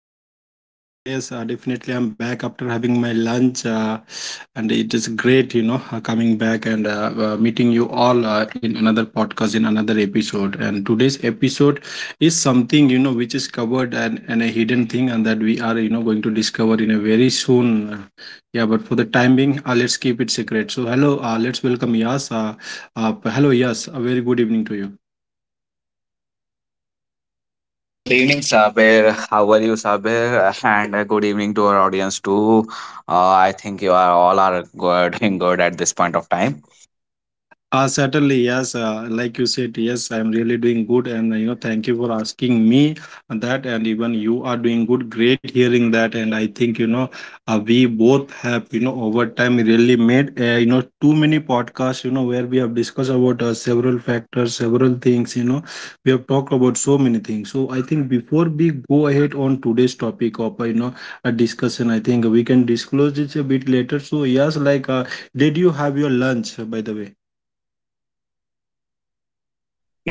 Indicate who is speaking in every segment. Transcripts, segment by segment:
Speaker 1: is your host Saber, and yes, definitely I'm back after having my lunch, and it is great, coming back and meeting you all in another podcast, in another episode. And today's episode is something, which is covered, and a hidden thing, and that we are, going to discover in a very soon. Yeah, but for the time being, let's keep it secret. So hello, let's welcome Yas. Hello, Yas. A very good evening to you.
Speaker 2: Good evening, Sabir. How are you, Sabir? And good evening to our audience too. I think you are all are good, doing good at this point of time.
Speaker 1: Certainly, yes. Like you said, yes, I'm really doing good, and thank you for asking me that. And even you are doing good. Great hearing that. And I think, we both have, over time really made too many podcasts, You know where we have discussed about several factors, several things. We have talked about so many things. So I think before we go ahead on today's topic of a discussion, I think we can disclose this a bit later. So yes, like, did you have your lunch by the way?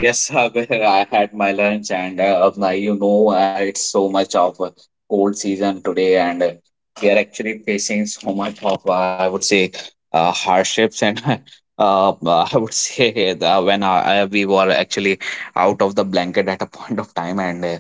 Speaker 2: Yes, Sabir. I had my lunch, and now it's so much of a cold season today, and we are actually facing so much of I would say hardships and. I would say that when we were actually out of the blanket at a point of time, and uh,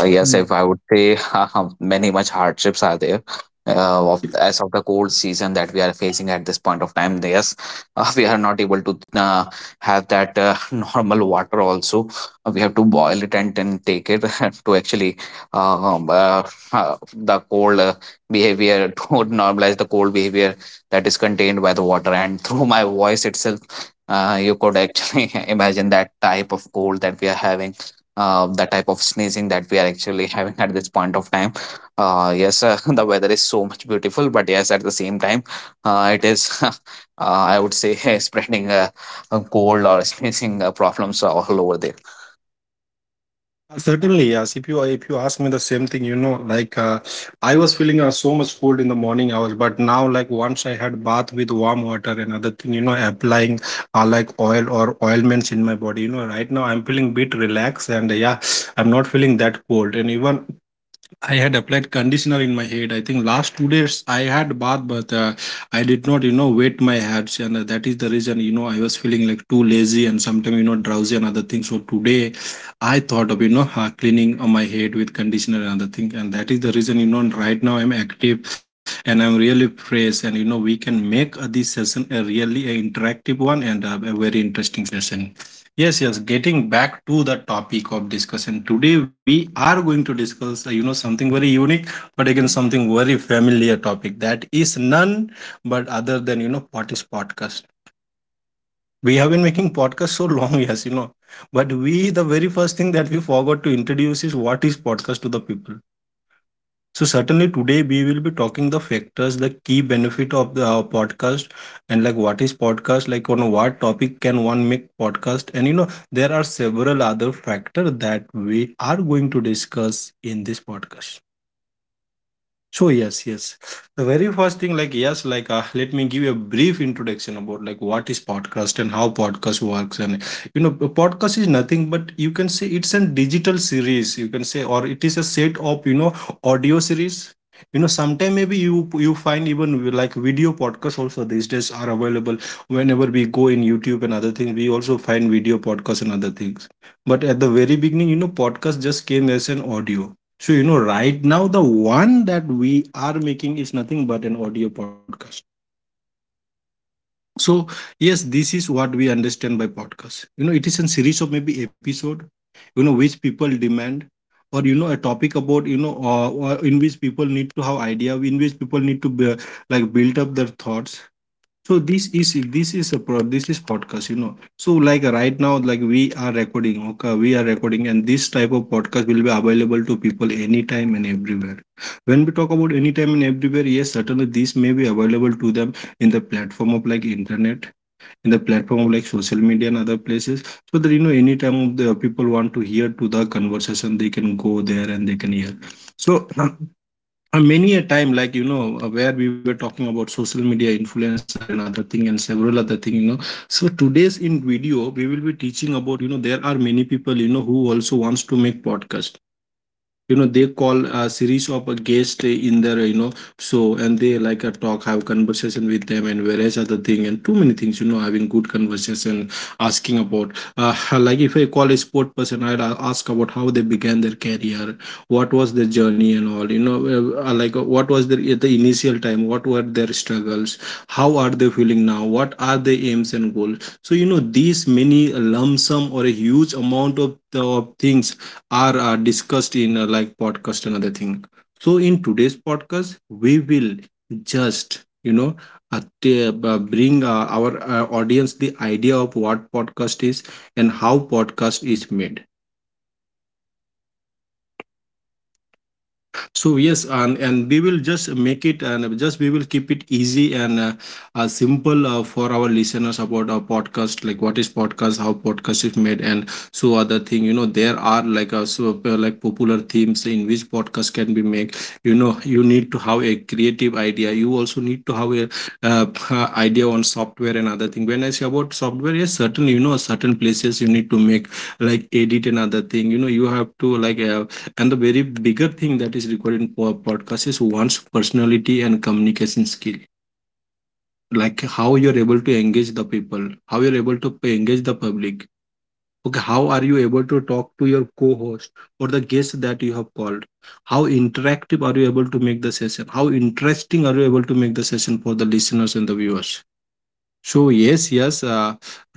Speaker 2: Uh, yes, if I would say many much hardships are there. As of the cold season that we are facing at this point of time, yes, we are not able to have that normal water. Also, we have to boil it and then take it to actually um, uh, uh, the cold behavior to normalize the cold behavior that is contained by the water. And through my voice itself, you could actually imagine that type of cold that we are having, the type of sneezing that we are actually having at this point of time. Yes, the weather is so much beautiful, but yes, at the same time, it is, I would say, spreading a cold or sneezing problems all over there.
Speaker 1: Certainly, yes. If you ask me the same thing, like I was feeling so much cold in the morning hours, but now, like, once I had bath with warm water and other thing, applying like oil or oilments in my body, right now I'm feeling bit relaxed and, yeah, I'm not feeling that cold. And even I had applied conditioner in my head. I think last 2 days I had bath, but I did not, wet my hairs, and that is the reason, I was feeling like too lazy and sometimes, drowsy and other things. So today, I thought of, cleaning on my head with conditioner and other thing, and that is the reason, right now I'm active and I'm really fresh, and we can make this session a really a interactive one and a very interesting session. Yes, yes. Getting back to the topic of discussion today, we are going to discuss, something very unique, but again something very familiar topic, that is none but other than, what is podcast. We have been making podcast so long, yes, but we, the very first thing that we forgot to introduce is what is podcast to the people. So certainly today we will be talking the factors, the key benefit of the podcast, and like what is podcast, like on what topic can one make podcast, and there are several other factors that we are going to discuss in this podcast. So yes, yes. The very first thing, like, yes, like, let me give you a brief introduction about like what is podcast and how podcast works, and, a podcast is nothing but, you can say, it's a digital series. You can say, or it is a set of, audio series. Sometime maybe you find even like video podcasts also these days are available. Whenever we go in YouTube and other things, we also find video podcasts and other things. But at the very beginning, podcast just came as an audio, so, right now, the one that we are making is nothing but an audio podcast. So, yes, this is what we understand by podcast. It is a series of maybe episode, which people demand, or, a topic about, or in which people need to have idea, in which people need to be, like, build up their thoughts, so this is podcast. So like right now, like, we are recording, okay, we are recording, and this type of podcast will be available to people anytime and everywhere. When we talk about anytime and everywhere, yes, certainly this may be available to them in the platform of like internet, in the platform of like social media and other places. So that, anytime the people want to hear to the conversation, they can go there and they can hear. So many a time, like, where we were talking about social media influencer and other thing and several other thing, so today's in video we will be teaching about, there are many people, who also wants to make podcast, they call a series of a guest in their, show, and they like a talk, have conversation with them and various other thing and too many things, having good conversation, asking about uh, like, if I call a sport person, I'd ask about how they began their career, what was their journey, and all, like what was their, at the initial time, what were their struggles, how are they feeling now, what are their aims and goals. So, these many lump sum or a huge amount of the of things are discussed in, like, podcast and other thing. So in today's podcast we will just, uh, t- uh, bring our audience the idea of what podcast is and how podcast is made. So yes, and we will just make it, and, just, we will keep it easy and simple for our listeners about our podcast, like what is podcast, how podcast is made, and so, other thing, there are like, like, popular themes in which podcast can be made. You need to have a creative idea, you also need to have a idea on software and other thing. When I say about software, yes, certainly, certain places you need to make, like, edit and other thing. You have to, like, and the very bigger thing that is required in podcast is one's personality and communication skill. Like, how you're able to engage the people, how you're able to engage the public. Okay, how are you able to talk to your co-host or the guest that you have called? How interactive are you able to make the session? How interesting are you able to make the session for the listeners and the viewers? So yes, yes.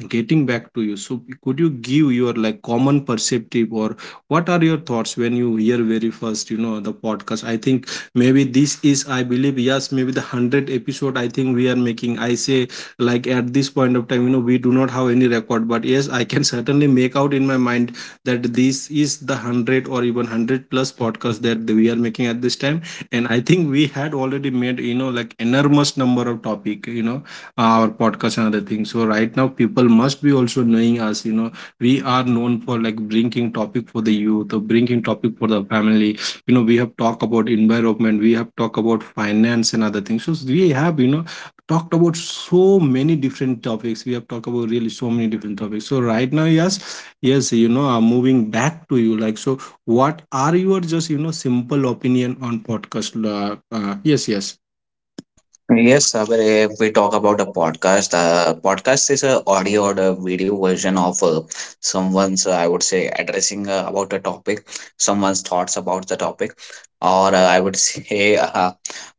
Speaker 1: Getting back to you, so could you give your, like, common perspective, or what are your thoughts when you hear very first, the podcast? I think maybe this is, I believe, yes, maybe the hundred episode, I think, we are making. I say, like, at this point of time, we do not have any record, but yes, I can certainly make out in my mind that this is the hundred or even hundred plus podcast that we are making at this time, and I think we had already made, like, enormous number of topic, our podcast and other things. So right now people must be also knowing us. We are known for, like, bringing topic for the youth, or bringing topic for the family. We have talked about environment, we have talked about finance and other things, so we have, talked about so many different topics, we have talked about really so many different topics. So right now, yes, yes, I'm moving back to you, like, so what are your, just, simple opinion on podcast? Yes, yes.
Speaker 2: Yes, Saber, if we talk about a podcast, podcast is a audio or a video version of someone's, I would say, addressing about a topic, someone's thoughts about the topic, or I would say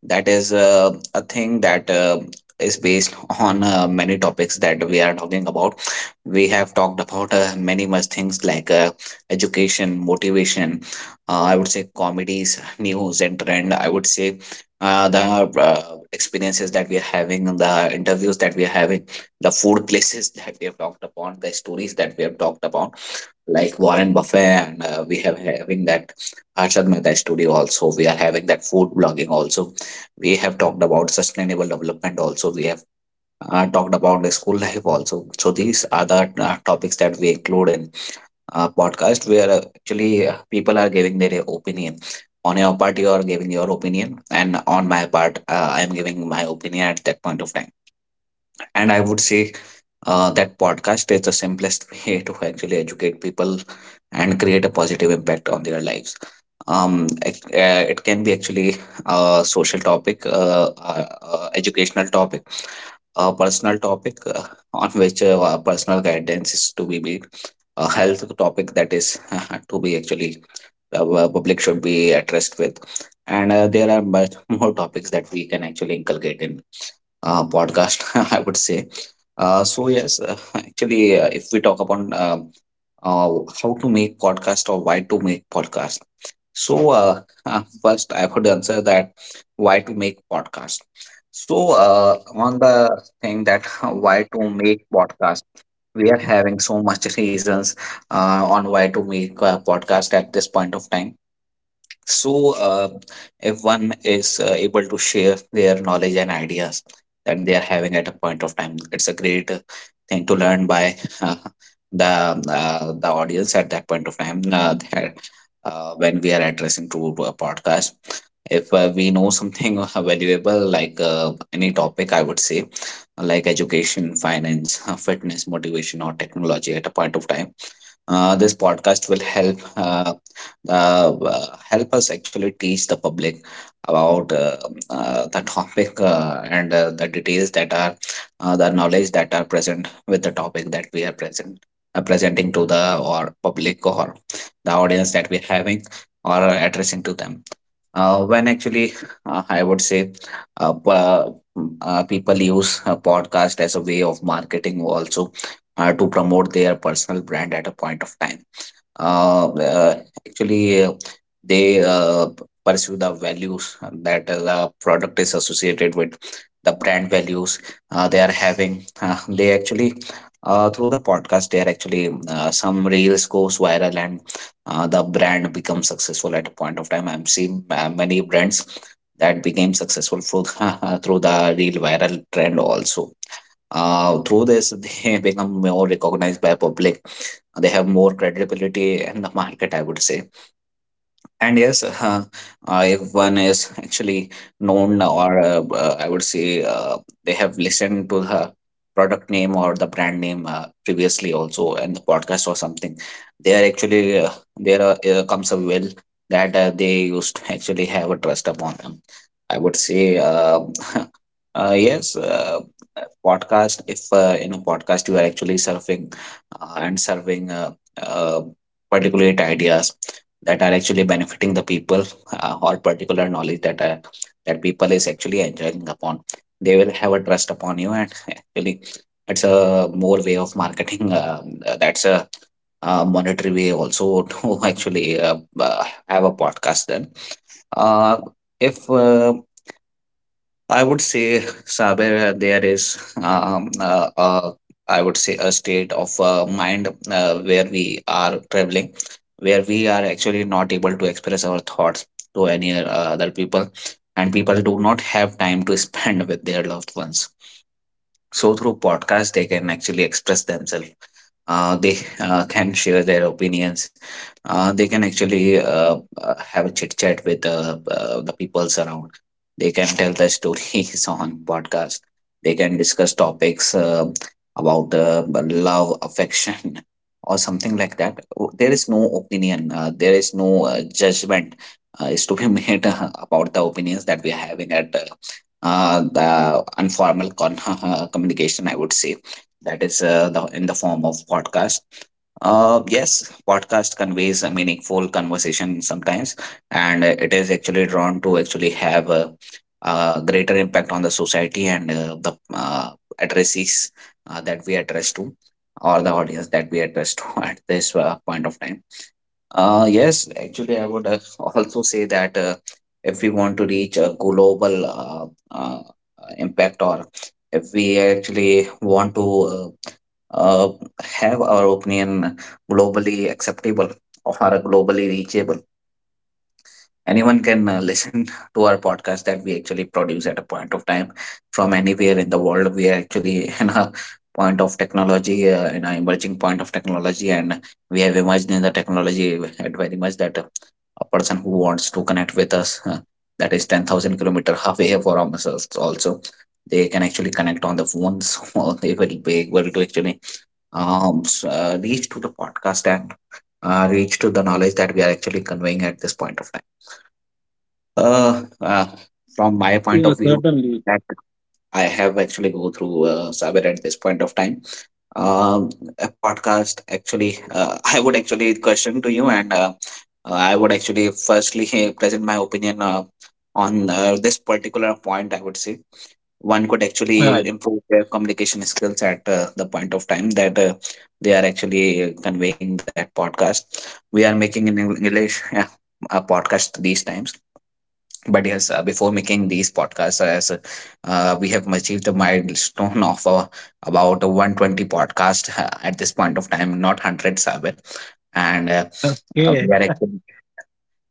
Speaker 2: that is a thing that is based on many topics that we are talking about. We have talked about many much things like education, motivation, I would say comedies, news, and trend. I would say the experiences that we are having, the interviews that we are having, the food places that we have talked upon, the stories that we have talked upon, like Warren Buffet, and we have having that Harshad Mehta studio also. We are having that food blogging also. We have talked about sustainable development also. We have talked about the school life also. So these are the topics that we include in podcast where actually people are giving their opinion. On your part, you are giving your opinion, and on my part, I am giving my opinion at that point of time. And I would say that podcast is the simplest way to actually educate people and create a positive impact on their lives. It can be actually a social topic, educational topic, a personal topic on which personal guidance is to be made, a health topic that is to be actually public should be addressed with, and there are much more topics that we can actually inculcate in podcast, I would say. So yes, actually, if we talk about uh, how to make podcast or why to make podcast, so first I would answer that why to make podcast. So on the thing that why to make podcast, we are having so much reasons on why to make a podcast at this point of time. So if one is able to share their knowledge and ideas that they are having at a point of time, it's a great thing to learn by uh, the the audience at that point of time, when we are addressing to a podcast. If we know something valuable like any topic, I would say, like education, finance, fitness, motivation, or technology at a point of time, this podcast will help help us actually teach the public about the topic and the details that are, the knowledge that are present with the topic that we are presenting to the or public or the audience that we're having or addressing to them. When actually, I would say, uh, p- uh, people use a podcast as a way of marketing also to promote their personal brand at a point of time. uh, uh, Actually, they pursue the values that the product is associated with, the brand values they are having. They actually, through the podcast, they are actually, some reels goes viral, and the brand becomes successful at a point of time. I'm seeing many brands that became successful through the, through the real viral trend also. Through this, they become more recognized by public. They have more credibility in the market, I would say. And yes, if one is actually known or I would say they have listened to the product name or the brand name previously also in the podcast or something, they are actually, there comes a will that they used to actually have a trust upon them. I would say. Yes, podcast. If in a podcast you are actually surfing and serving uh, particulate ideas that are actually benefiting the people or particular knowledge that are, that people is actually enjoying upon, they will have a trust upon you, and actually it's a more way of marketing. That's a monetary way also to actually have a podcast. Then uh, if I would say, Saber, there is I would say a state of mind where we are traveling, where we are actually not able to express our thoughts to any other people, and people do not have time to spend with their loved ones. So through podcast, they can actually express themselves. They can share their opinions. They can actually have a chit chat with the peoples around. They can tell their stories on podcast. They can discuss topics about the love, affection, or something like that. There is no opinion. There is no judgment is to be made about the opinions that we are having at the communication, I would say, that is in the form of podcast. Yes, podcast conveys a meaningful conversation sometimes, and it is actually drawn to actually have a greater impact on the society and the addresses that we address to, or the audience that we address to at this point of time. Yes, actually, I would also say that if we want to reach a global impact, or if we actually want to uh, have our opinion globally acceptable or globally reachable, anyone can listen to our podcast that we actually produce at a point of time from anywhere in the world. We are actually in a point of technology, in an emerging point of technology, and we have emerged in the technology at very much that a person who wants to connect with us that is 10,000 kilometer halfway from us also, they can actually connect on the phones or they will be able to actually reach to the podcast and reach to the knowledge that we are actually conveying at this point of time. Uh, uh, from my
Speaker 1: Yeah,
Speaker 2: point of view,
Speaker 1: certainly.
Speaker 2: that I have actually go through cyber at this point of time, um, a podcast actually, I would actually question to you, and I would actually firstly present my opinion on this particular point. I would say one could
Speaker 1: Right.
Speaker 2: actually improve their communication skills at the point of time that they are actually conveying that podcast we are making in English. Yeah, a podcast these times, but yes, before making these podcasts, as we have achieved the milestone of about 120 podcast at this point of time, not 100, Sabir. And
Speaker 1: Okay.
Speaker 2: we are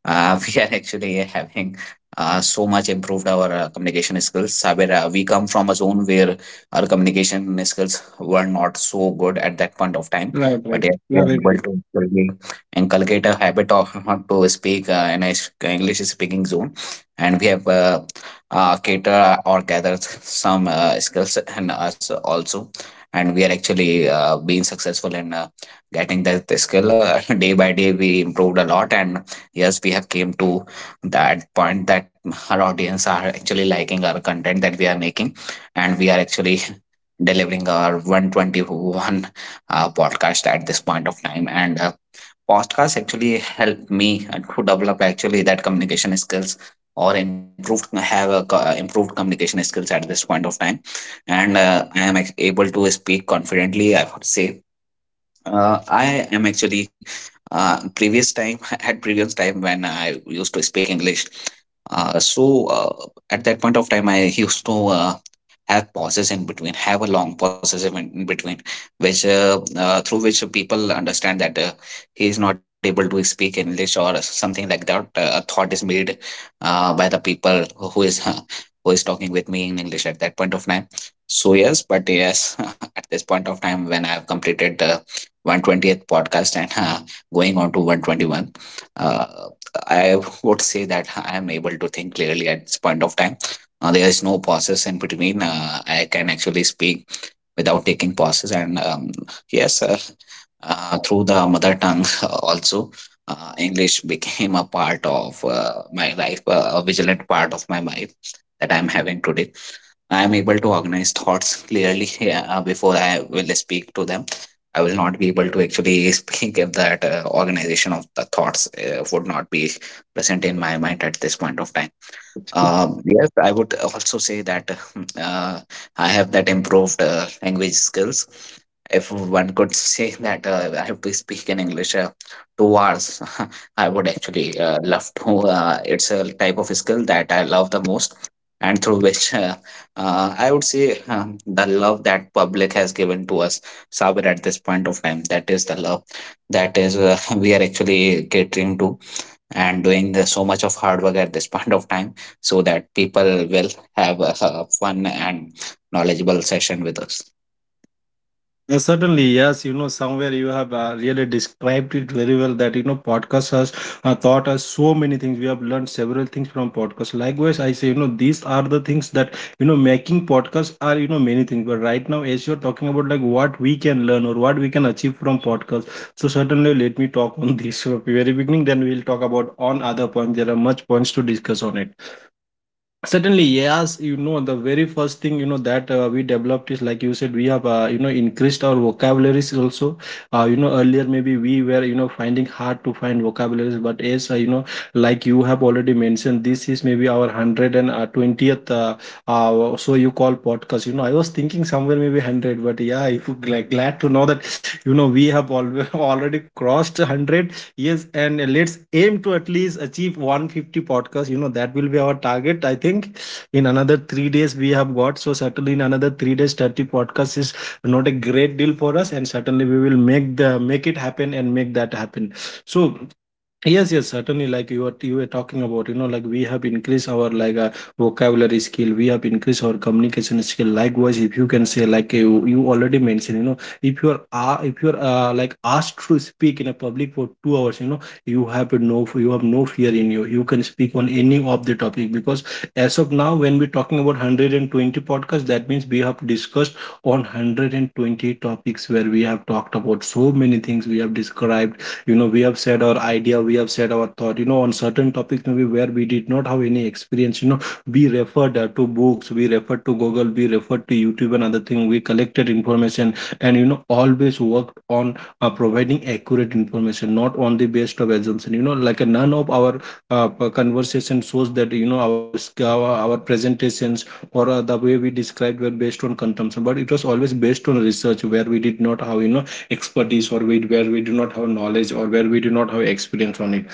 Speaker 2: we are actually having so much improved our communication skills. Saber, we come from a zone where our communication skills were not so good at that point of time,
Speaker 1: Right, right.
Speaker 2: but yes,
Speaker 1: Yeah,
Speaker 2: we are
Speaker 1: very true.
Speaker 2: able to actually inculcate a habit of how to speak in English speaking zone, and we have cater or gathered some skills in us also. And we are actually being successful in getting that skill. Day by day, we improved a lot, and yes we have came to that point that our audience are actually liking our content that we are making and we are actually delivering our 121 podcast at this point of time and podcast actually helped me to develop actually that communication skills or improved improved communication skills at this point of time and I able to speak confidently I would say. I am actually previous time, at previous time when I used to speak English. So at that point of time, I used to have pauses in between, have a long pauses in between which through which people understand that he is not able to speak english or something like that, a thought is made by the people who is who is talking with me in english at that point of time. So yes, at this point of time when I have completed the 120th podcast and going on to 121, uh, I would say that I am able to think clearly at this point of time. There is no pauses in between. I can actually speak without taking pauses, and yes, through the mother tongue also. English became a part of my life, a vigilant part of my life that I'm having today. I am able to organize thoughts clearly, yeah, before I will speak to them. I will not be able to actually speak if that organization of the thoughts would not be present in my mind at this point of time. Yes, I would also say that uh, I have that improved language skills. If one could say that I have to speak in English 2 hours, I would actually love to. It's a type of skill that I love the most, and through which I would say the love that public has given to us, Sabir, at this point of time. That is the love that is, we are actually catering to and doing the, so much of hard work at this point of time so that people will have a fun and knowledgeable session with us.
Speaker 1: Certainly, yes. Somewhere you have really described it very well that, podcast has taught us so many things. We have learned several things from podcast. Likewise, I say, these are the things that, making podcasts are, many things. But right now, as you're talking about, like, what we can learn or what we can achieve from podcast, so certainly let me talk on this from the very beginning. Then we'll talk about on other points. There are much points to discuss on it. Certainly, yes. The very first thing, that we developed is, like you said, we have, increased our vocabularies also. Earlier maybe we were, finding hard to find vocabularies, but as, like you have already mentioned, this is maybe our hundred and 20th so you call podcast. You know, I was thinking somewhere maybe 100, but yeah, I feel glad to know that you know we have al- already crossed 100. Yes, and let's aim to at least achieve 150 podcasts. You know, that will be our target. I think in another 3 days we have got. So certainly in another 3 days, 30 podcasts is not a great deal for us. And certainly we will make it happen and make that happen. So yes, yes, certainly. Like you were talking about, you know, like we have increased our like vocabulary skill. We have increased our communication skill. Likewise, if you can say, like you already mentioned, you know, if you are like asked to speak in a public for 2 hours, you know, you have no fear in you. You can speak on any of the topic because as of now, when we're talking about 120 podcasts, that means we have discussed on 120 topics where we have talked about so many things. We have described, you know, we have said our idea, we have said our thought, you know, on certain topics maybe where we did not have any experience. You know, we referred to books, we referred to google, we referred to youtube and other thing, we collected information and you know always worked on providing accurate information, not on the based of assumption. You know, like none of our conversation shows that you know our our presentations or the way we described were based on consumption, but it was always based on research where we did not have, you know, expertise or we, where we do not have knowledge or where we do not have experience on it.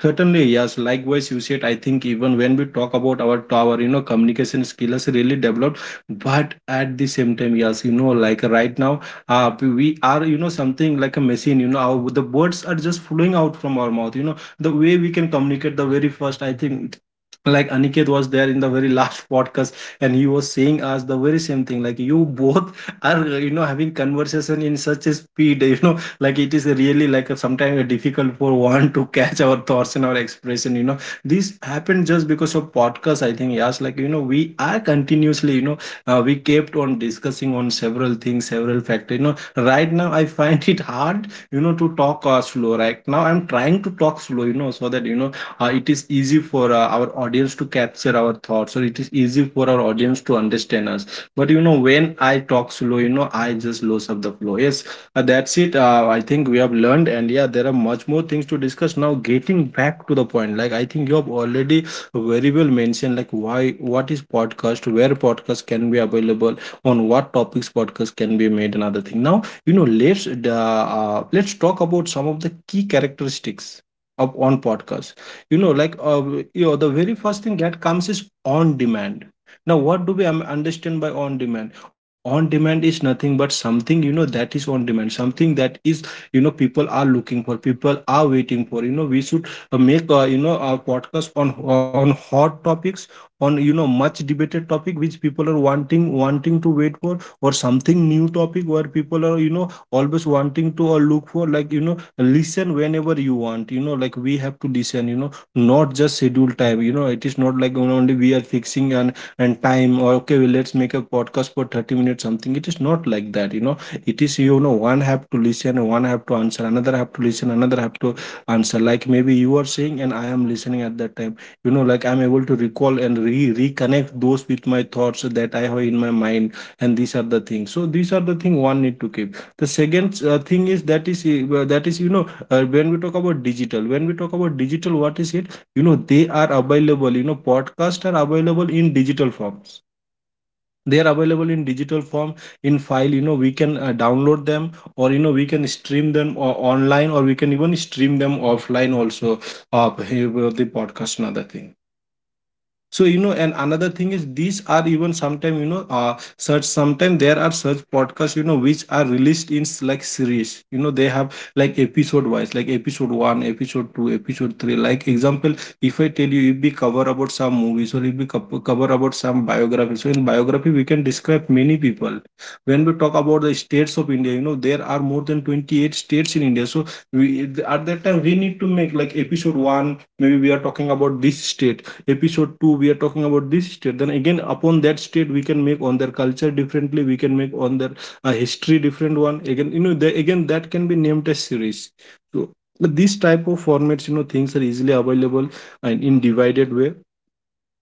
Speaker 1: Certainly, yes. Likewise, you said, I think even when we talk about our tower, you know, communication skills really developed. But at the same time, yes, you know, like right now, we are, you know, something like a machine, you know, our, the words are just flowing out from our mouth, you know, the way we can communicate the very first, I think. Like Aniket was there in the very last podcast, and he was saying us the very same thing. Like you both are, you know, having conversation in such a speed, you know, like it is really like a, sometimes a difficult for one to catch our thoughts and our expression. You know, this happened just because of podcast, I think. Yes, like you know we are continuously, you know, we kept on discussing on several things, several factors. You know, right now I find it hard, you know, to talk slow. Right now I'm trying to talk slow, you know, so that you know it is easy for our audience to capture our thoughts, or it is easy for our audience to understand us. But you know when I talk slow, you know, I just lose of the flow. Yes, that's it. I think we have learned, and yeah, there are much more things to discuss. Now, getting back to the point, like I think you have already very well mentioned, like why, what is podcast, where podcast can be available, on what topics podcast can be made, another thing. Now, you know, let's talk about some of the key characteristics of on podcast. You know, like you know, the very first thing that comes is on demand. Now, what do we understand by on demand? On demand is nothing but something, you know, that is on demand, something that is, you know, people are looking for, people are waiting for. You know, we should make you know a podcast on hot topics, on you know much debated topic which people are wanting to wait for, or something new topic where people are you know always wanting to or look for. Like you know listen whenever you want, you know, like we have to listen, you know, not just schedule time. You know, it is not like, you know, only we are fixing an and time, or okay well, let's make a podcast for 30 minutes something. It is not like that, you know. It is, you know, one have to listen, one have to answer, another have to listen, another have to answer. Like maybe you are saying and I am listening at that time. You know, like I'm able to recall and reconnect those with my thoughts that I have in my mind. And these are the things. So these are the thing one need to keep. The second thing is that is you know when we talk about digital, when we talk about digital, what is here, you know, they are available. You know, podcasts are available in digital forms, they are available in digital form, in file. You know, we can download them, or you know we can stream them online, or we can even stream them offline also. Uh, the podcast another thing. So you know, and another thing is these are even sometimes, you know, search, sometimes there are search podcasts, you know, which are released in like series. You know, they have like episode wise, like episode 1, episode 2, episode 3. Like example, if I tell you, if we cover about some movies, or if we cover about some biography, so in biography we can describe many people. When we talk about the states of india, you know, there are more than 28 states in india. So we, at that time we need to make like episode 1, maybe we are talking about this state, episode 2 we are talking about this state, then again upon that state we can make on their culture differently, we can make on their history different one. Again, you know, the, again that can be named as series. So but these type of formats, you know, things are easily available and in divided way.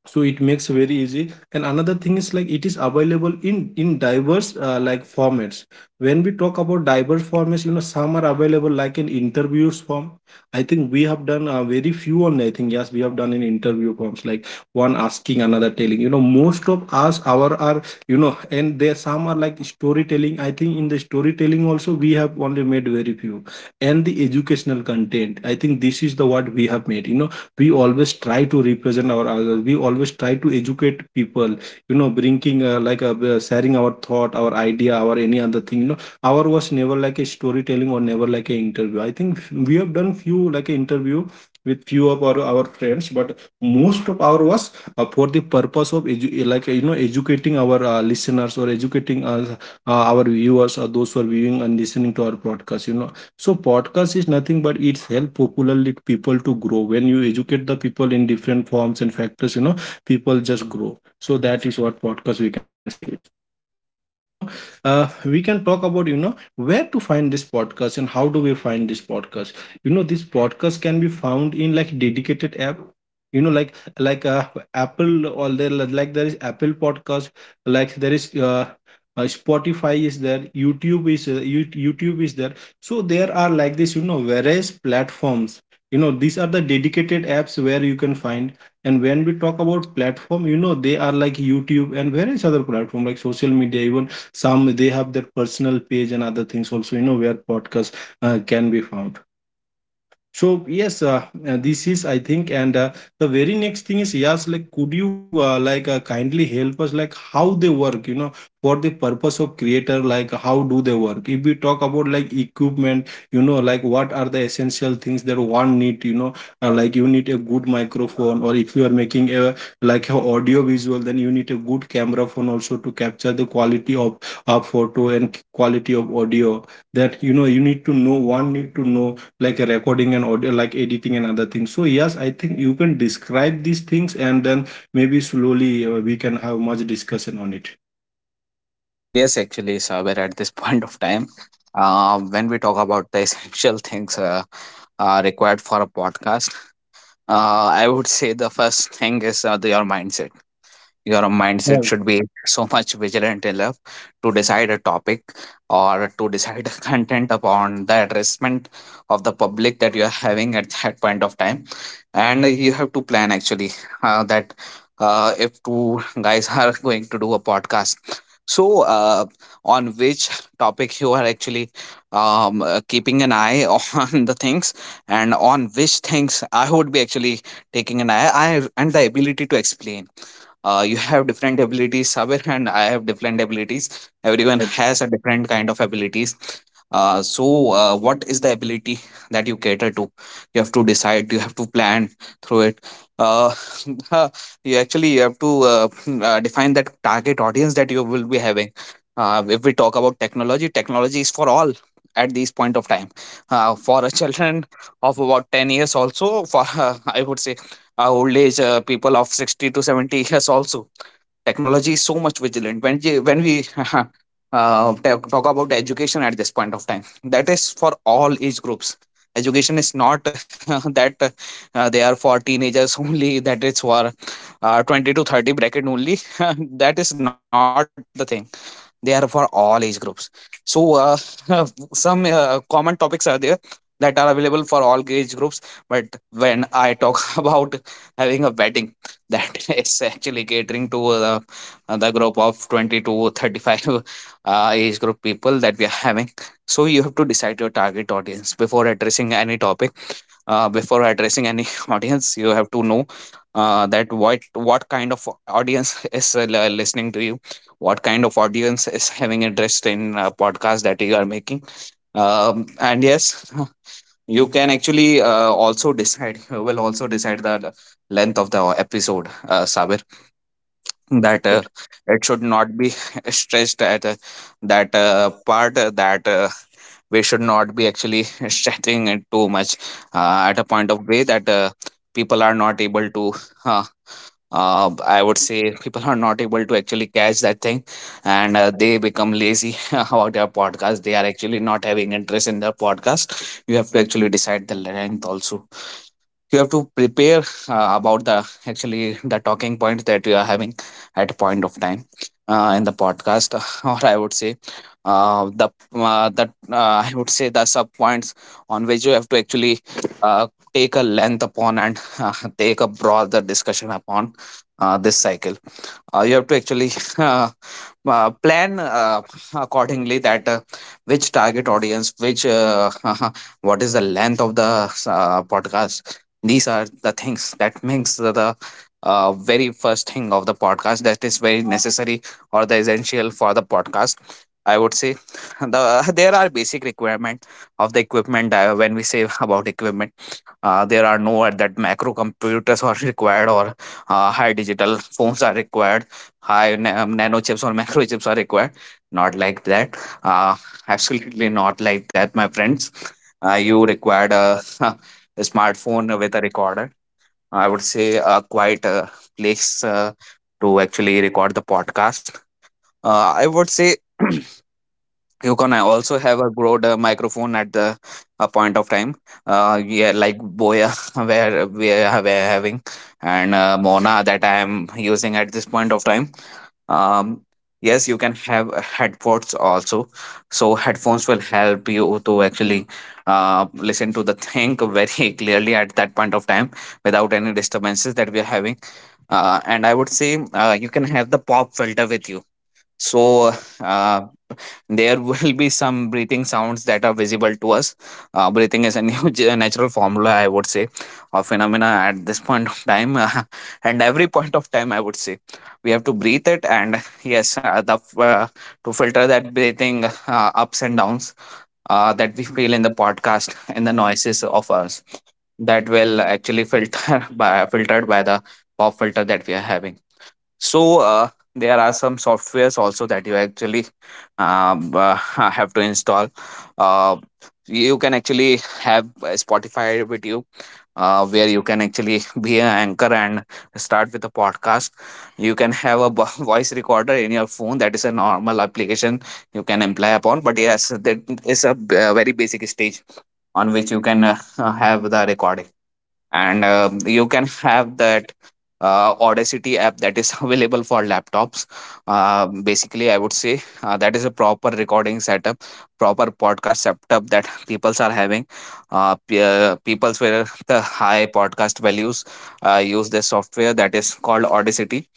Speaker 1: So it makes very easy. And another thing is like it is available in diverse like formats. When we talk about diverse formats, you know, some are available like in interviews form. I think we have done very few only, I think. Yes, we have done in interview forms, like one asking another telling. You know, most of us our are, you know, and there some are like storytelling. I think in the storytelling also we have only made very few. And the educational content, I think this is the what we have made. You know, we always try to represent our others, we always try to educate people, you know, bringing sharing our thought, our idea, our any other thing. You know, our was never like a storytelling or never like a interview. I think we have done few like a interview with few of our friends, but most of our was for the purpose of you know educating our listeners, or educating us our viewers, or those who are viewing and listening to our podcast. You know, so podcast is nothing but it's help popularly people to grow. When you educate the people in different forms and factors, you know, people just grow. So that is what podcast we can say. Now we can talk about, you know, where to find this podcast and how do we find this podcast. You know, this podcast can be found in like dedicated app. You know, like like uh, apple, or there like there is apple podcast, like there is spotify is there, youtube is youtube is there. So there are like this, you know, various platforms. You know, these are the dedicated apps where you can find. And when we talk about platform, you know, they are like YouTube and various other platform like social media, even some they have their personal page and other things also, you know, where podcasts can be found. So yes, this is I think, and the very next thing is yes, like could you kindly help us like how they work, you know, for the purpose of creator, like how do they work? If we talk about like equipment, you know, like what are the essential things that one need, you know, like you need a good microphone, or if you are making a like a audio visual, then you need a good camera phone also to capture the quality of a photo and quality of audio. That you know you need to know one need to know like recording and audio like editing and other things. So yes, I think you can describe these things, and then maybe slowly we can have much discussion on it.
Speaker 2: Yes, actually, Saber, at this point of time, when we talk about the essential things required for a podcast, I would say the first thing is your mindset. Your mindset
Speaker 1: Right.
Speaker 2: should be so much vigilant enough to decide a topic or to decide a content upon the addressment of the public that you are having at that point of time. And you have to plan actually that if two guys are going to do a podcast. So on which topic you are actually keeping an eye on the things, and on which things I would be actually taking an eye, I and the ability to explain. You have different abilities, Sabir, and I have different abilities. Everyone has a different kind of abilities. So what is the ability that you cater to? You have to decide, you have to plan through it. Uh, uh, you actually, you have to define that target audience that you will be having. If we talk about technology, technology is for all at this point of time, for a children of about 10 years also, for I would say our old age people of 60 to 70 years also. Technology is so much vigilant when when we talk about education at this point of time. That is for all age groups. Education is not that they are for teenagers only, that it's for 20 to 30 bracket only. That is not the thing. They are for all age groups. So some common topics are there that are available for all age groups. But when I talk about having a wedding, that is actually catering to the group of 20 to 35 age group people that we are having. So you have to decide your target audience before addressing any topic. Before addressing any audience, you have to know that what kind of audience is listening to you, what kind of audience is having interest in a podcast that you are making. And yes, you can actually also decide, you will also decide the length of the episode, Sabir, that it should not be stretched at that part, that we should not be actually stretching it too much at a point of way that people are not able to uh, I would say people are not able to actually catch that thing and they become lazy about their podcast. They are actually not having interest in their podcast. You have to actually decide the length also. You have to prepare about the actually the talking points that you are having at a point of time in the podcast, or I would say the that I would say the sub points on which you have to actually uh, take a length upon and uh, take a broader discussion upon. This cycle, you have to actually uh, plan accordingly that which target audience, which what is the length of the podcast. These are the things that makes the very first thing of the podcast that is very necessary or the essential for the podcast. I would say there are basic requirement of the equipment when we say about equipment, there are no at that macro computers are required or high digital phones are required, high nano chips or macro chips are required. Not like that, uh, absolutely not like that, my friends. You required a a smartphone with a recorder, I would say, a quiet place to actually record the podcast. I would say you can also have a broad microphone at the point of time, yeah, like Boya where we are, we are having, and Mona that I am using at this point of time. um, yes, you can have headphones also. So headphones will help you to actually listen to the thing very clearly at that point of time, without any disturbances that we are having. And I would say you can have the pop filter with you. So uh, there will be some breathing sounds that are visible to us. Breathing is a new natural formula, I would say, or phenomena at this point of time, and every point of time, I would say, we have to breathe it. And yes, to filter that breathing ups and downs that we feel in the podcast and the noises of us, that will actually filter by filtered by the pop filter that we are having. So there are some softwares also that you actually have to install. Uh, you can actually have Spotify with you, where you can actually be an anchor and start with a podcast. You can have a voice recorder in your phone. That is a normal application you can imply upon. But yes, that is a very basic stage on which you can have the recording, and you can have that audacity app that is available for laptops. Basically I would say that is a proper recording setup, proper podcast setup that peoples are having, peoples where the high podcast values use this software that is called Audacity,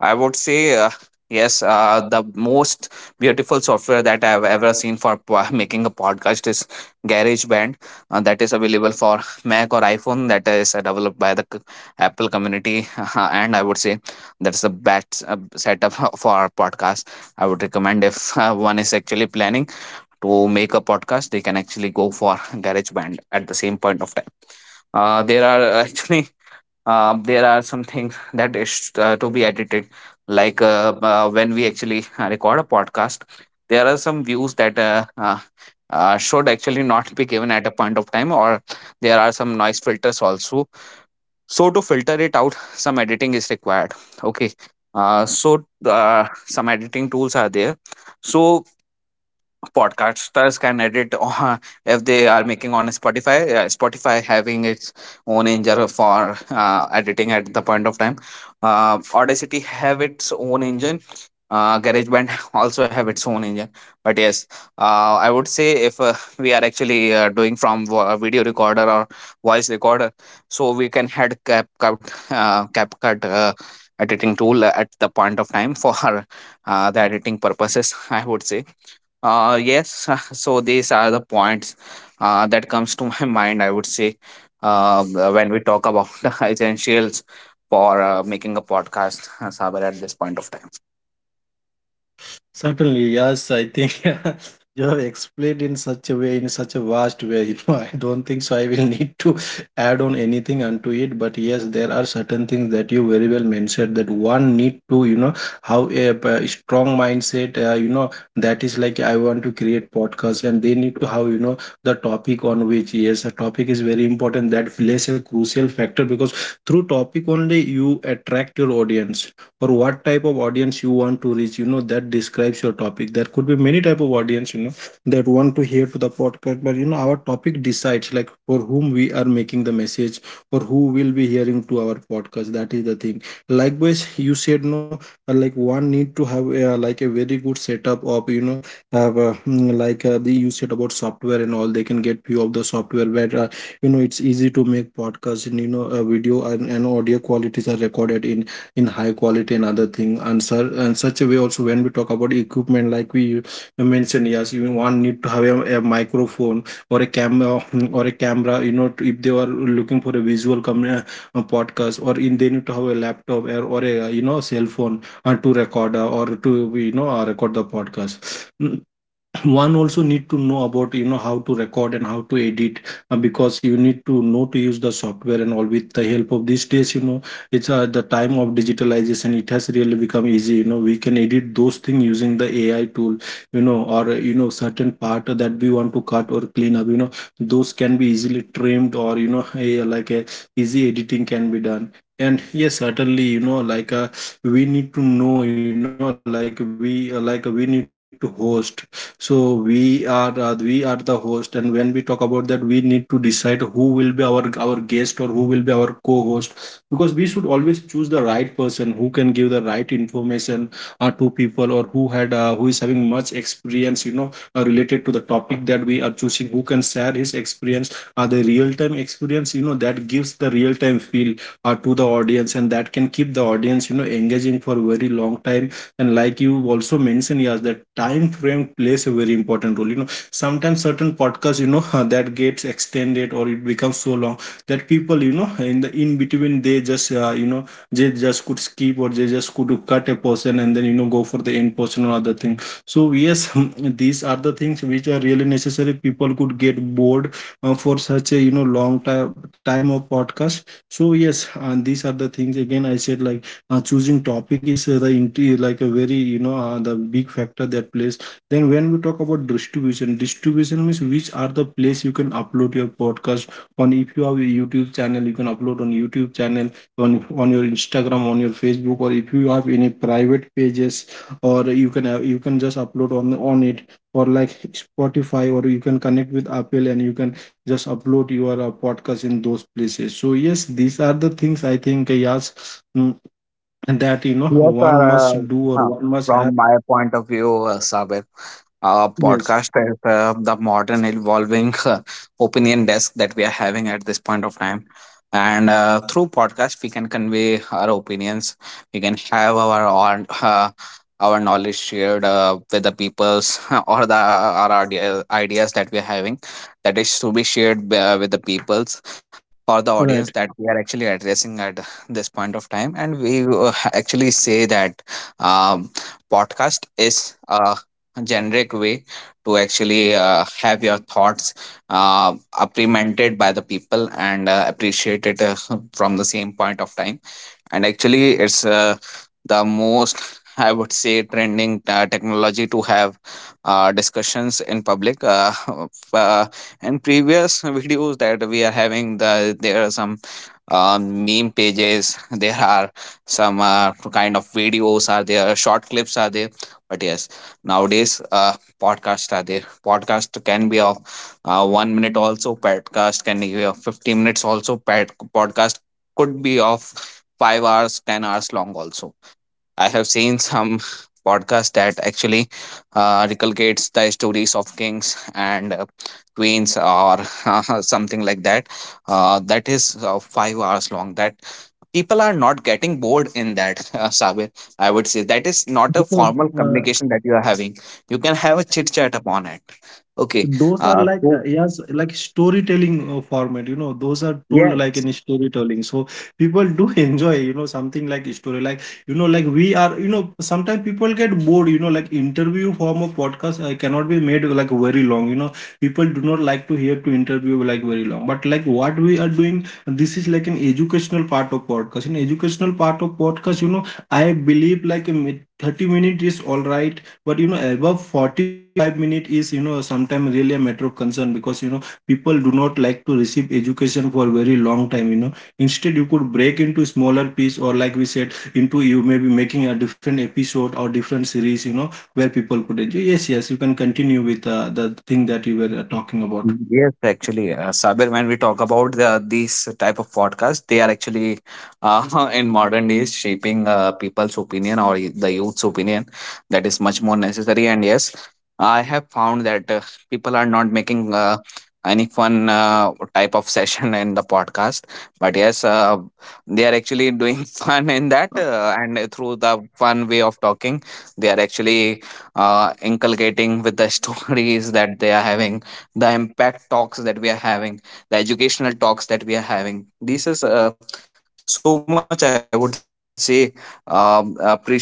Speaker 2: I would say. Yes. The most beautiful software that I've ever seen for making a podcast is GarageBand. That is available for Mac or iPhone. That is developed by the Apple community, and I would say that's the best setup for our podcast. I would recommend if one is actually planning to make a podcast, they can actually go for GarageBand at the same point of time. There are actually there are some things that is to be edited like when we actually record a podcast, there are some views that should actually not be given at a point of time, or there are some noise filters also, so to filter it out, some editing is required. Okay. Some editing tools are there, so podcasters can edit if they are making on Spotify. Spotify having its own engine for editing at the point of time. Audacity have its own engine. GarageBand also have its own engine. But yes, I would say if we are actually doing from a video recorder or voice recorder, so we can had CapCut, cut cap uh, editing tool at the point of time for the editing purposes, I would say. uh, yes, so these are the points that comes to my mind, I would say, uh, when we talk about the essentials for making a podcast, Saber, at this point of time.
Speaker 1: Certainly, yes. I think you have explained in such a way, in such a vast way. You know, I don't think so. I will need to add on anything unto it. But yes, there are certain things that you very well mentioned, that one need to, you know, have a, strong mindset. You know, that is like I want to create podcast, and they need to have, you know, the topic on which, yes, a topic is very important. That plays a crucial factor, because through topic only you attract your audience, or what type of audience you want to reach, you know, that describes your topic. There could be many type of audience, you know, that want to hear to the podcast, but you know, our topic decides like for whom we are making the message, or who will be hearing to our podcast. That is the thing. Likewise, you said, no, like one need to have a, like a very good setup of, you know, have the, you said about software and all, they can get few of the software where, you know, it's easy to make podcasts, and you know, video and audio qualities are recorded in high quality and other thing. And, sir, and such a way also, when we talk about equipment, like we mentioned, yes, you one need to have a microphone, or a camera, or a camera, you know, if they are looking for a visual podcast, or in, they need to have a laptop, or a, you know, cell phone to record, or to, you know, record the podcast. Mm, one also need to know about, you know, how to record and how to edit, because you need to know to use the software and all. With the help of these days, you know, it's the time of digitalization, it has really become easy. You know, we can edit those things using the AI tool, you know, or you know, certain part that we want to cut or clean up, you know, those can be easily trimmed, or you know, a, like a easy editing can be done. And yes, certainly, you know, like we need to know, you know, like we need to host. So we are the host, and when we talk about that, we need to decide who will be our guest, or who will be our co-host, because we should always choose the right person who can give the right information to people, or who had who is having much experience, you know, related to the topic that we are choosing, who can share his experience, the real time experience, you know, that gives the real time feel to the audience, and that can keep the audience, you know, engaging for very long time. And like you also mentioned, yes, that time frame plays a very important role. You know, sometimes certain podcasts, you know, that gets extended, or it becomes so long that people, you know, in the in between, they just you know, they just could skip, or they just could cut a portion, and then you know, go for the end portion or other thing. So yes, these are the things which are really necessary. People could get bored for such a, you know, long time of podcast. So yes, and these are the things again, I said, like, choosing topic is like a very, you know, the big factor that plays. Then when we talk about distribution, distribution means which are the place you can upload your podcast on. If you have a YouTube channel, you can upload on YouTube channel, on your Instagram, on your Facebook, or if you have any private pages, or you can have, you can just upload on it, or like Spotify, or you can connect with Apple, and you can just upload your podcast in those places. So yes, these are the things I think, yes, mm, and that you know
Speaker 2: Yes, sir.
Speaker 1: one must do or
Speaker 2: Huh.
Speaker 1: one must
Speaker 2: From
Speaker 1: have.
Speaker 2: my point of view, Sabir,
Speaker 1: Yes,
Speaker 2: podcast is the modern evolving opinion desk that we are having at this point of time. And through podcast, we can convey our opinions. We can have our own, our knowledge shared with the peoples, or the our ideas that we are having, that is to be shared with the peoples for the audience
Speaker 1: right,
Speaker 2: that we are actually addressing at this point of time. And we actually say that um, podcast is a generic way to actually have your thoughts apprehended by the people and appreciated from the same point of time. And actually, it's the most, I would say, trending technology to have discussions in public. Uh, f- uh, in previous videos that we are having, there are some meme pages. there are some kind of videos are there, short clips are there. But yes, nowadays podcasts are there. Podcast can be of 1 minute also. Podcast can be of 50 minutes also. Podcast could be of 5 hours, 10 hours long also. I have seen some podcast that actually recolgates the stories of kings and queens or something like that. That is 5 hours long. That people are not getting bored in that, Sabir. I would say that is not a
Speaker 1: because
Speaker 2: formal
Speaker 1: uh,
Speaker 2: communication that you are having. You can have a chit chat upon it. Okay.
Speaker 1: those
Speaker 2: Uh,
Speaker 1: are like,
Speaker 2: so,
Speaker 1: yes, like storytelling format. You know, those are
Speaker 2: yeah,
Speaker 1: told like in storytelling. So people do enjoy, you know, something like story, like you know, like we are. You know, sometimes people get bored, you know, like interview form of podcast cannot be made like very long. You know, people do not like to hear to interview like very long. But like what we are doing, this is like an educational part of podcast. In educational part of podcast, you know, I believe like 30 minute is all right, but you know, above 45 minute is, you know, sometimes really a matter of concern, because you know, people do not like to receive education for very long time. You know, instead you could break into smaller piece, or like we said, into, you maybe making a different episode or different series, you know, where people could enjoy. Yes, yes, you can continue with the thing that you were talking about.
Speaker 2: Yes, actually, Sabir, when we talk about these type of podcasts, they are actually in modern days shaping people's opinion or the youth's opinion. That is much more necessary. And yes, I have found that people are not making any fun type of session in the podcast. But yes, they are actually doing fun in that, and through the fun way of talking, they are actually inculcating with the stories that they are having, the impact talks that we are having, the educational talks that we are having. This is so much, I would say, a precious way or uh,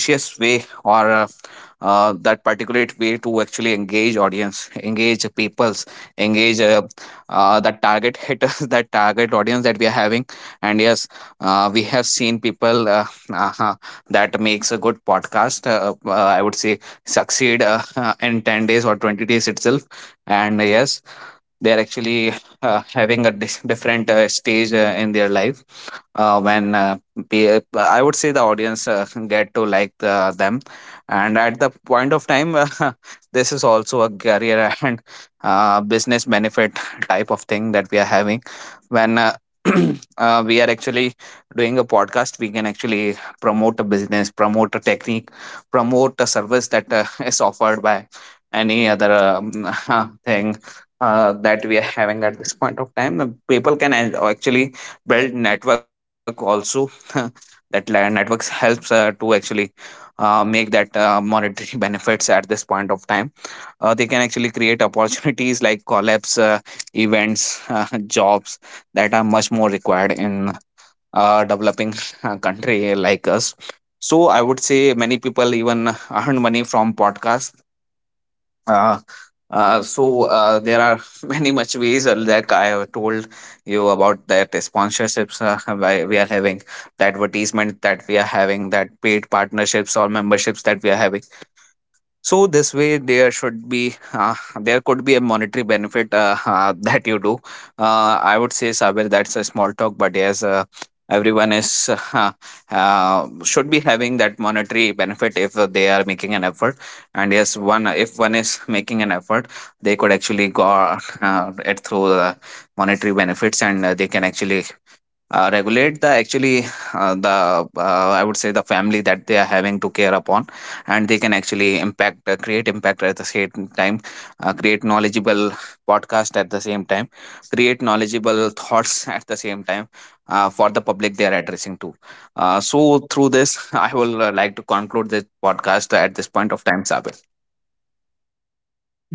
Speaker 2: uh, that particular way to actually engage audience, engage peoples, engage that target hitters, that target audience that we are having. And yes, we have seen people uh, that makes a good podcast, I would say, succeed in 10 days or 20 days itself. And yes, they are actually having a different stage in their life when I would say the audience get to like the, them. And at the point of time, this is also a career and business benefit type of thing that we are having when we are actually doing a podcast. We can actually promote a business, promote a technique, promote a service that is offered by any other thing that we are having at this point of time. The people can actually build network also. Networks helps to actually make that monetary benefits at this point of time. They can actually create opportunities like collabs, events, jobs that are much more required in a developing country like us. So I would say many people even earn money from podcasts. uh, there are many much ways like I have told you about, that sponsorships why we are having, the advertisement that we are having, that paid partnerships or memberships that we are having. So this way there should be there could be a monetary benefit that you do. I would say, Sabir, that's a small talk, but yes, everyone is uh, should be having that monetary benefit if they are making an effort. And yes, one if one is making an effort, they could actually go it through the monetary benefits, and they can actually regulate the actually the I would say the family that they are having to care upon. And they can actually impact create impact at the same time, create knowledgeable podcast at the same time, create knowledgeable thoughts at the same time for the public they are addressing to. So through this, I will like to conclude this podcast at this point of time, Sabir.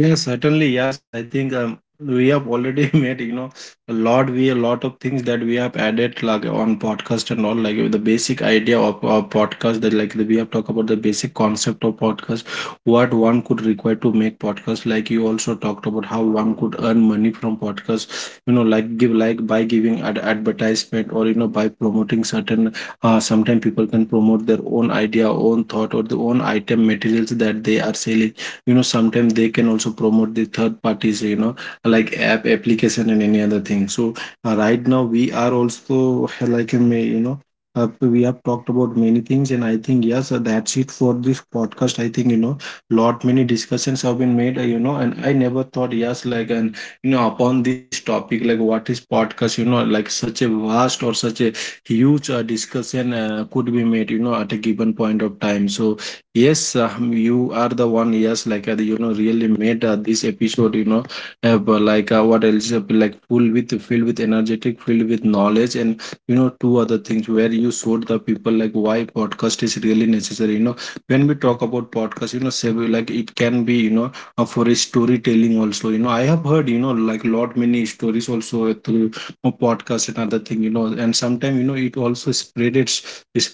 Speaker 1: Yes, certainly. Yes, I think we have already made, you know, we a lot of things that we have added like on podcast and all, like the basic idea of our podcast, that like we have talked about the basic concept of podcast, what one could require to make podcast. Like you also talked about how one could earn money from podcast, you know, like give like by giving ad advertisement, or, you know, by promoting certain, sometimes people can promote their own idea, own thought, or the own item materials that they are selling, you know, sometimes they can also promote the third parties, you know, like application and any other thing. So right now we are also like, you know, we have talked about many things, and I think yes, that's it for this podcast. I think you know, lot many discussions have been made, you know, and I never thought, yes, like, and you know, upon this topic, like what is podcast, you know, like such a vast or such a huge discussion could be made, you know, at a given point of time. So yes, you are the one. Yes, like you know, really made this episode. You know, but like what else? Like full with filled with energetic, filled with knowledge, and you know, two other things, where you showed the people like why podcast is really necessary. You know, when we talk about podcast, you know, several like it can be, you know, for a storytelling also. You know, I have heard, you know, like lot many stories also through podcast and other thing. You know, and sometimes you know, it also spreaded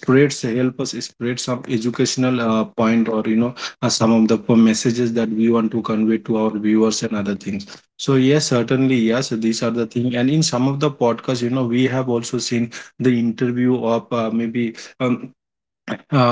Speaker 1: spreads, help us spread some educational point, or you know, some of the messages that we want to convey to our viewers and other things. So yes, certainly, yes, these are the thing. And in some of the podcasts, you know, we have also seen the interview of, maybe um,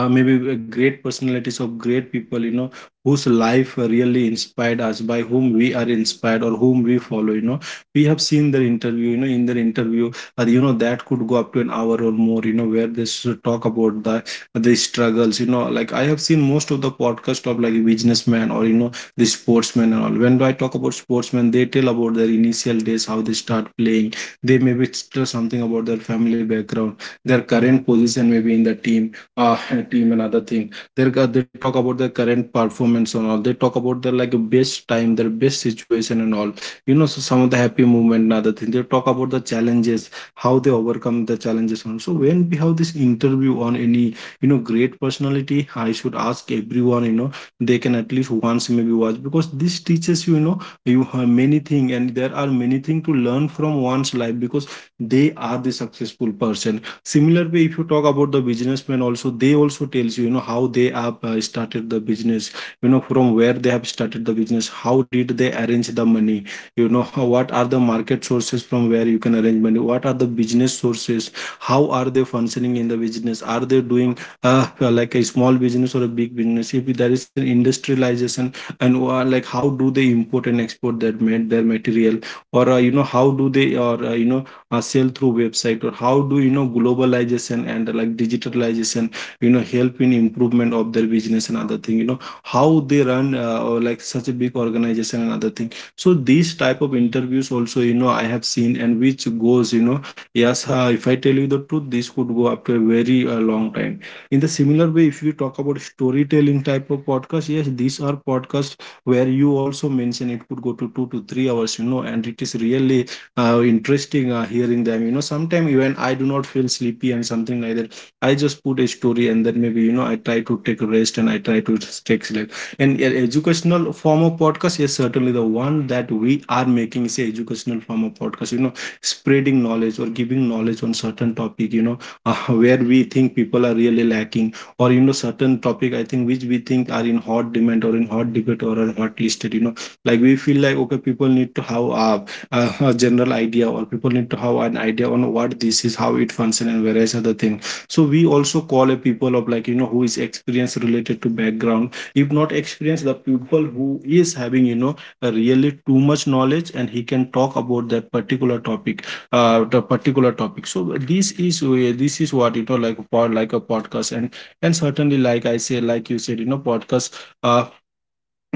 Speaker 1: maybe great personalities of great people, you know, whose life really inspired us, by whom we are inspired or whom we follow. You know, we have seen their interview. You know, in their interview, you know, that could go up to an hour or more. You know, where they should talk about the struggles. You know, like I have seen most of the podcast of like businessmen, or you know, the sportsmen, and all when I talk about sportsmen, they tell about their initial days, how they start playing. They maybe tell something about their family background, their current position maybe in the team, uh, team and other thing. They talk about their current performance and all. They talk about their like best time, their best situation and all, you know, so some of the happy moment and other thing. They talk about the challenges, how they overcome the challenges. And so when we have this interview on any, you know, great personality, I should ask everyone, you know, they can at least once maybe watch, because this teaches you, you know, you have many thing, and there are many thing to learn from one's life, because they are the successful person. Similar way, if you talk about the businessman also, they also tells you, you know, how they have started the business. From where they have started the business, how did they arrange the money? What are the market sources from where you can arrange money? What are the business sources? How are they functioning in the business? Are they doing like a small business or a big business? If there is an industrialization, and like, how do they import and export their material? Or how do they, or sell through website? Or how do globalization and like digitalization help in improvement of their business and other thing? How they run, or like, such a big organization and other thing? So these type of interviews also, I have seen, and which goes, yes. If I tell you the truth, this could go up to a very long time. In the similar way, if you talk about storytelling type of podcast, yes, these are podcasts where you also mention it could go to 2 to 3 hours, and it is really interesting. Hearing them, sometimes even I do not feel sleepy and something like that. I just put a story, and then maybe I try to take a rest, and I try to just take sleep. And educational form of podcast is certainly the one that we are making, is a educational form of podcast, spreading knowledge or giving knowledge on certain topic. Uh, where we think people are really lacking, or certain topic I think, which we think are in hot demand or in hot debate or are hot listed. Like, we feel like, okay, people need to have a general idea, or people need to have an idea on what this is, how it functions, and various other things. So we also call a people of like, who is experience related to background; if not experience, the people who is having, really too much knowledge, and he can talk about that particular topic. The particular topic. So this is what, like a podcast. And certainly, like I say, like you said, podcast uh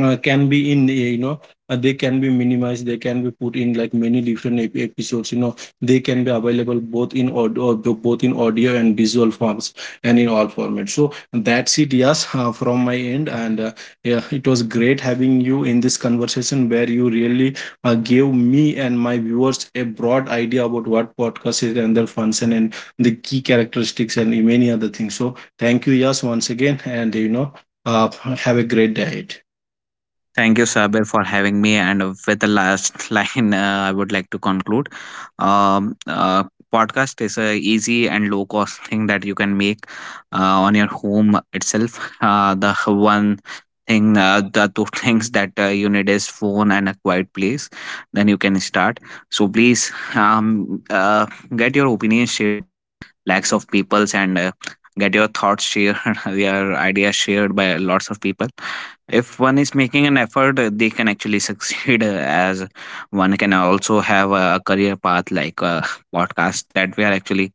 Speaker 1: uh, can be in, they can be minimized, they can be put in like many different episodes. They can be available both in audio, and visual forms, and in all formats. So that's it. Yes, from my end. And yeah, it was great having you in this conversation, where you really gave me and my viewers a broad idea about what podcast is and their function and the key characteristics and many other things. So thank you, yes, once again. And uh, have a great day ahead.
Speaker 2: Thank you, Sabir, for having me. And with the last line, I would like to conclude. Um, uh, Podcast is a easy and low cost thing that you can make on your home itself. The two things that you need is phone and a quiet place. Then you can start. So please, get your opinions shared by lakhs of peoples, and get your thoughts shared, your ideas shared by lots of people. If one is making an effort, they can actually succeed as one can also have a career path like a podcast that we are actually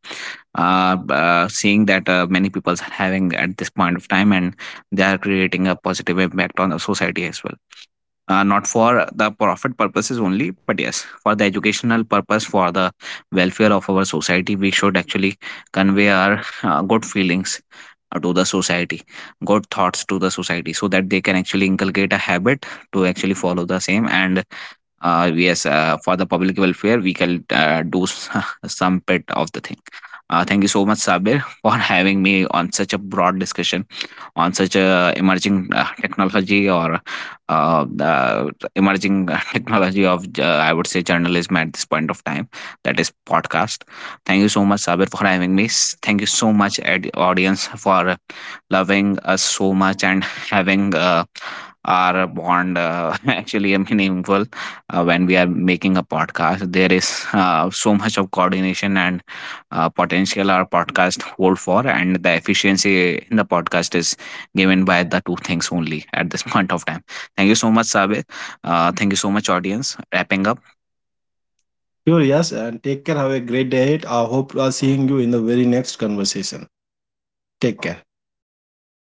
Speaker 2: seeing that many people are having at this point of time. And they are creating a positive impact on the society as well, not for the profit purposes only, but yes, for the educational purpose, for the welfare of our society. We should actually convey our good feelings to the society, good thoughts to the society, so that they can actually inculcate a habit to actually follow the same. And yes for the public welfare, we can do some bit of the thing. Thank you so much, Sabir, for having me on such a broad discussion, on such a emerging technology, or the emerging technology of, I would say, journalism at this point of time, that is podcast. Thank you so much, Sabir, for having me. Thank you so much, audience, for loving us so much and having our bond actually meaningful when we are making a podcast. There is so much of coordination and potential our podcast hold for, and the efficiency in the podcast is given by the two things only at this point of time. Thank you so much, sabe. Thank you so much, audience. Wrapping up.
Speaker 1: Sure, yes, and take care. Have a great day. I hope I'll seeing you in the very next conversation. Take care.
Speaker 2: Thank you.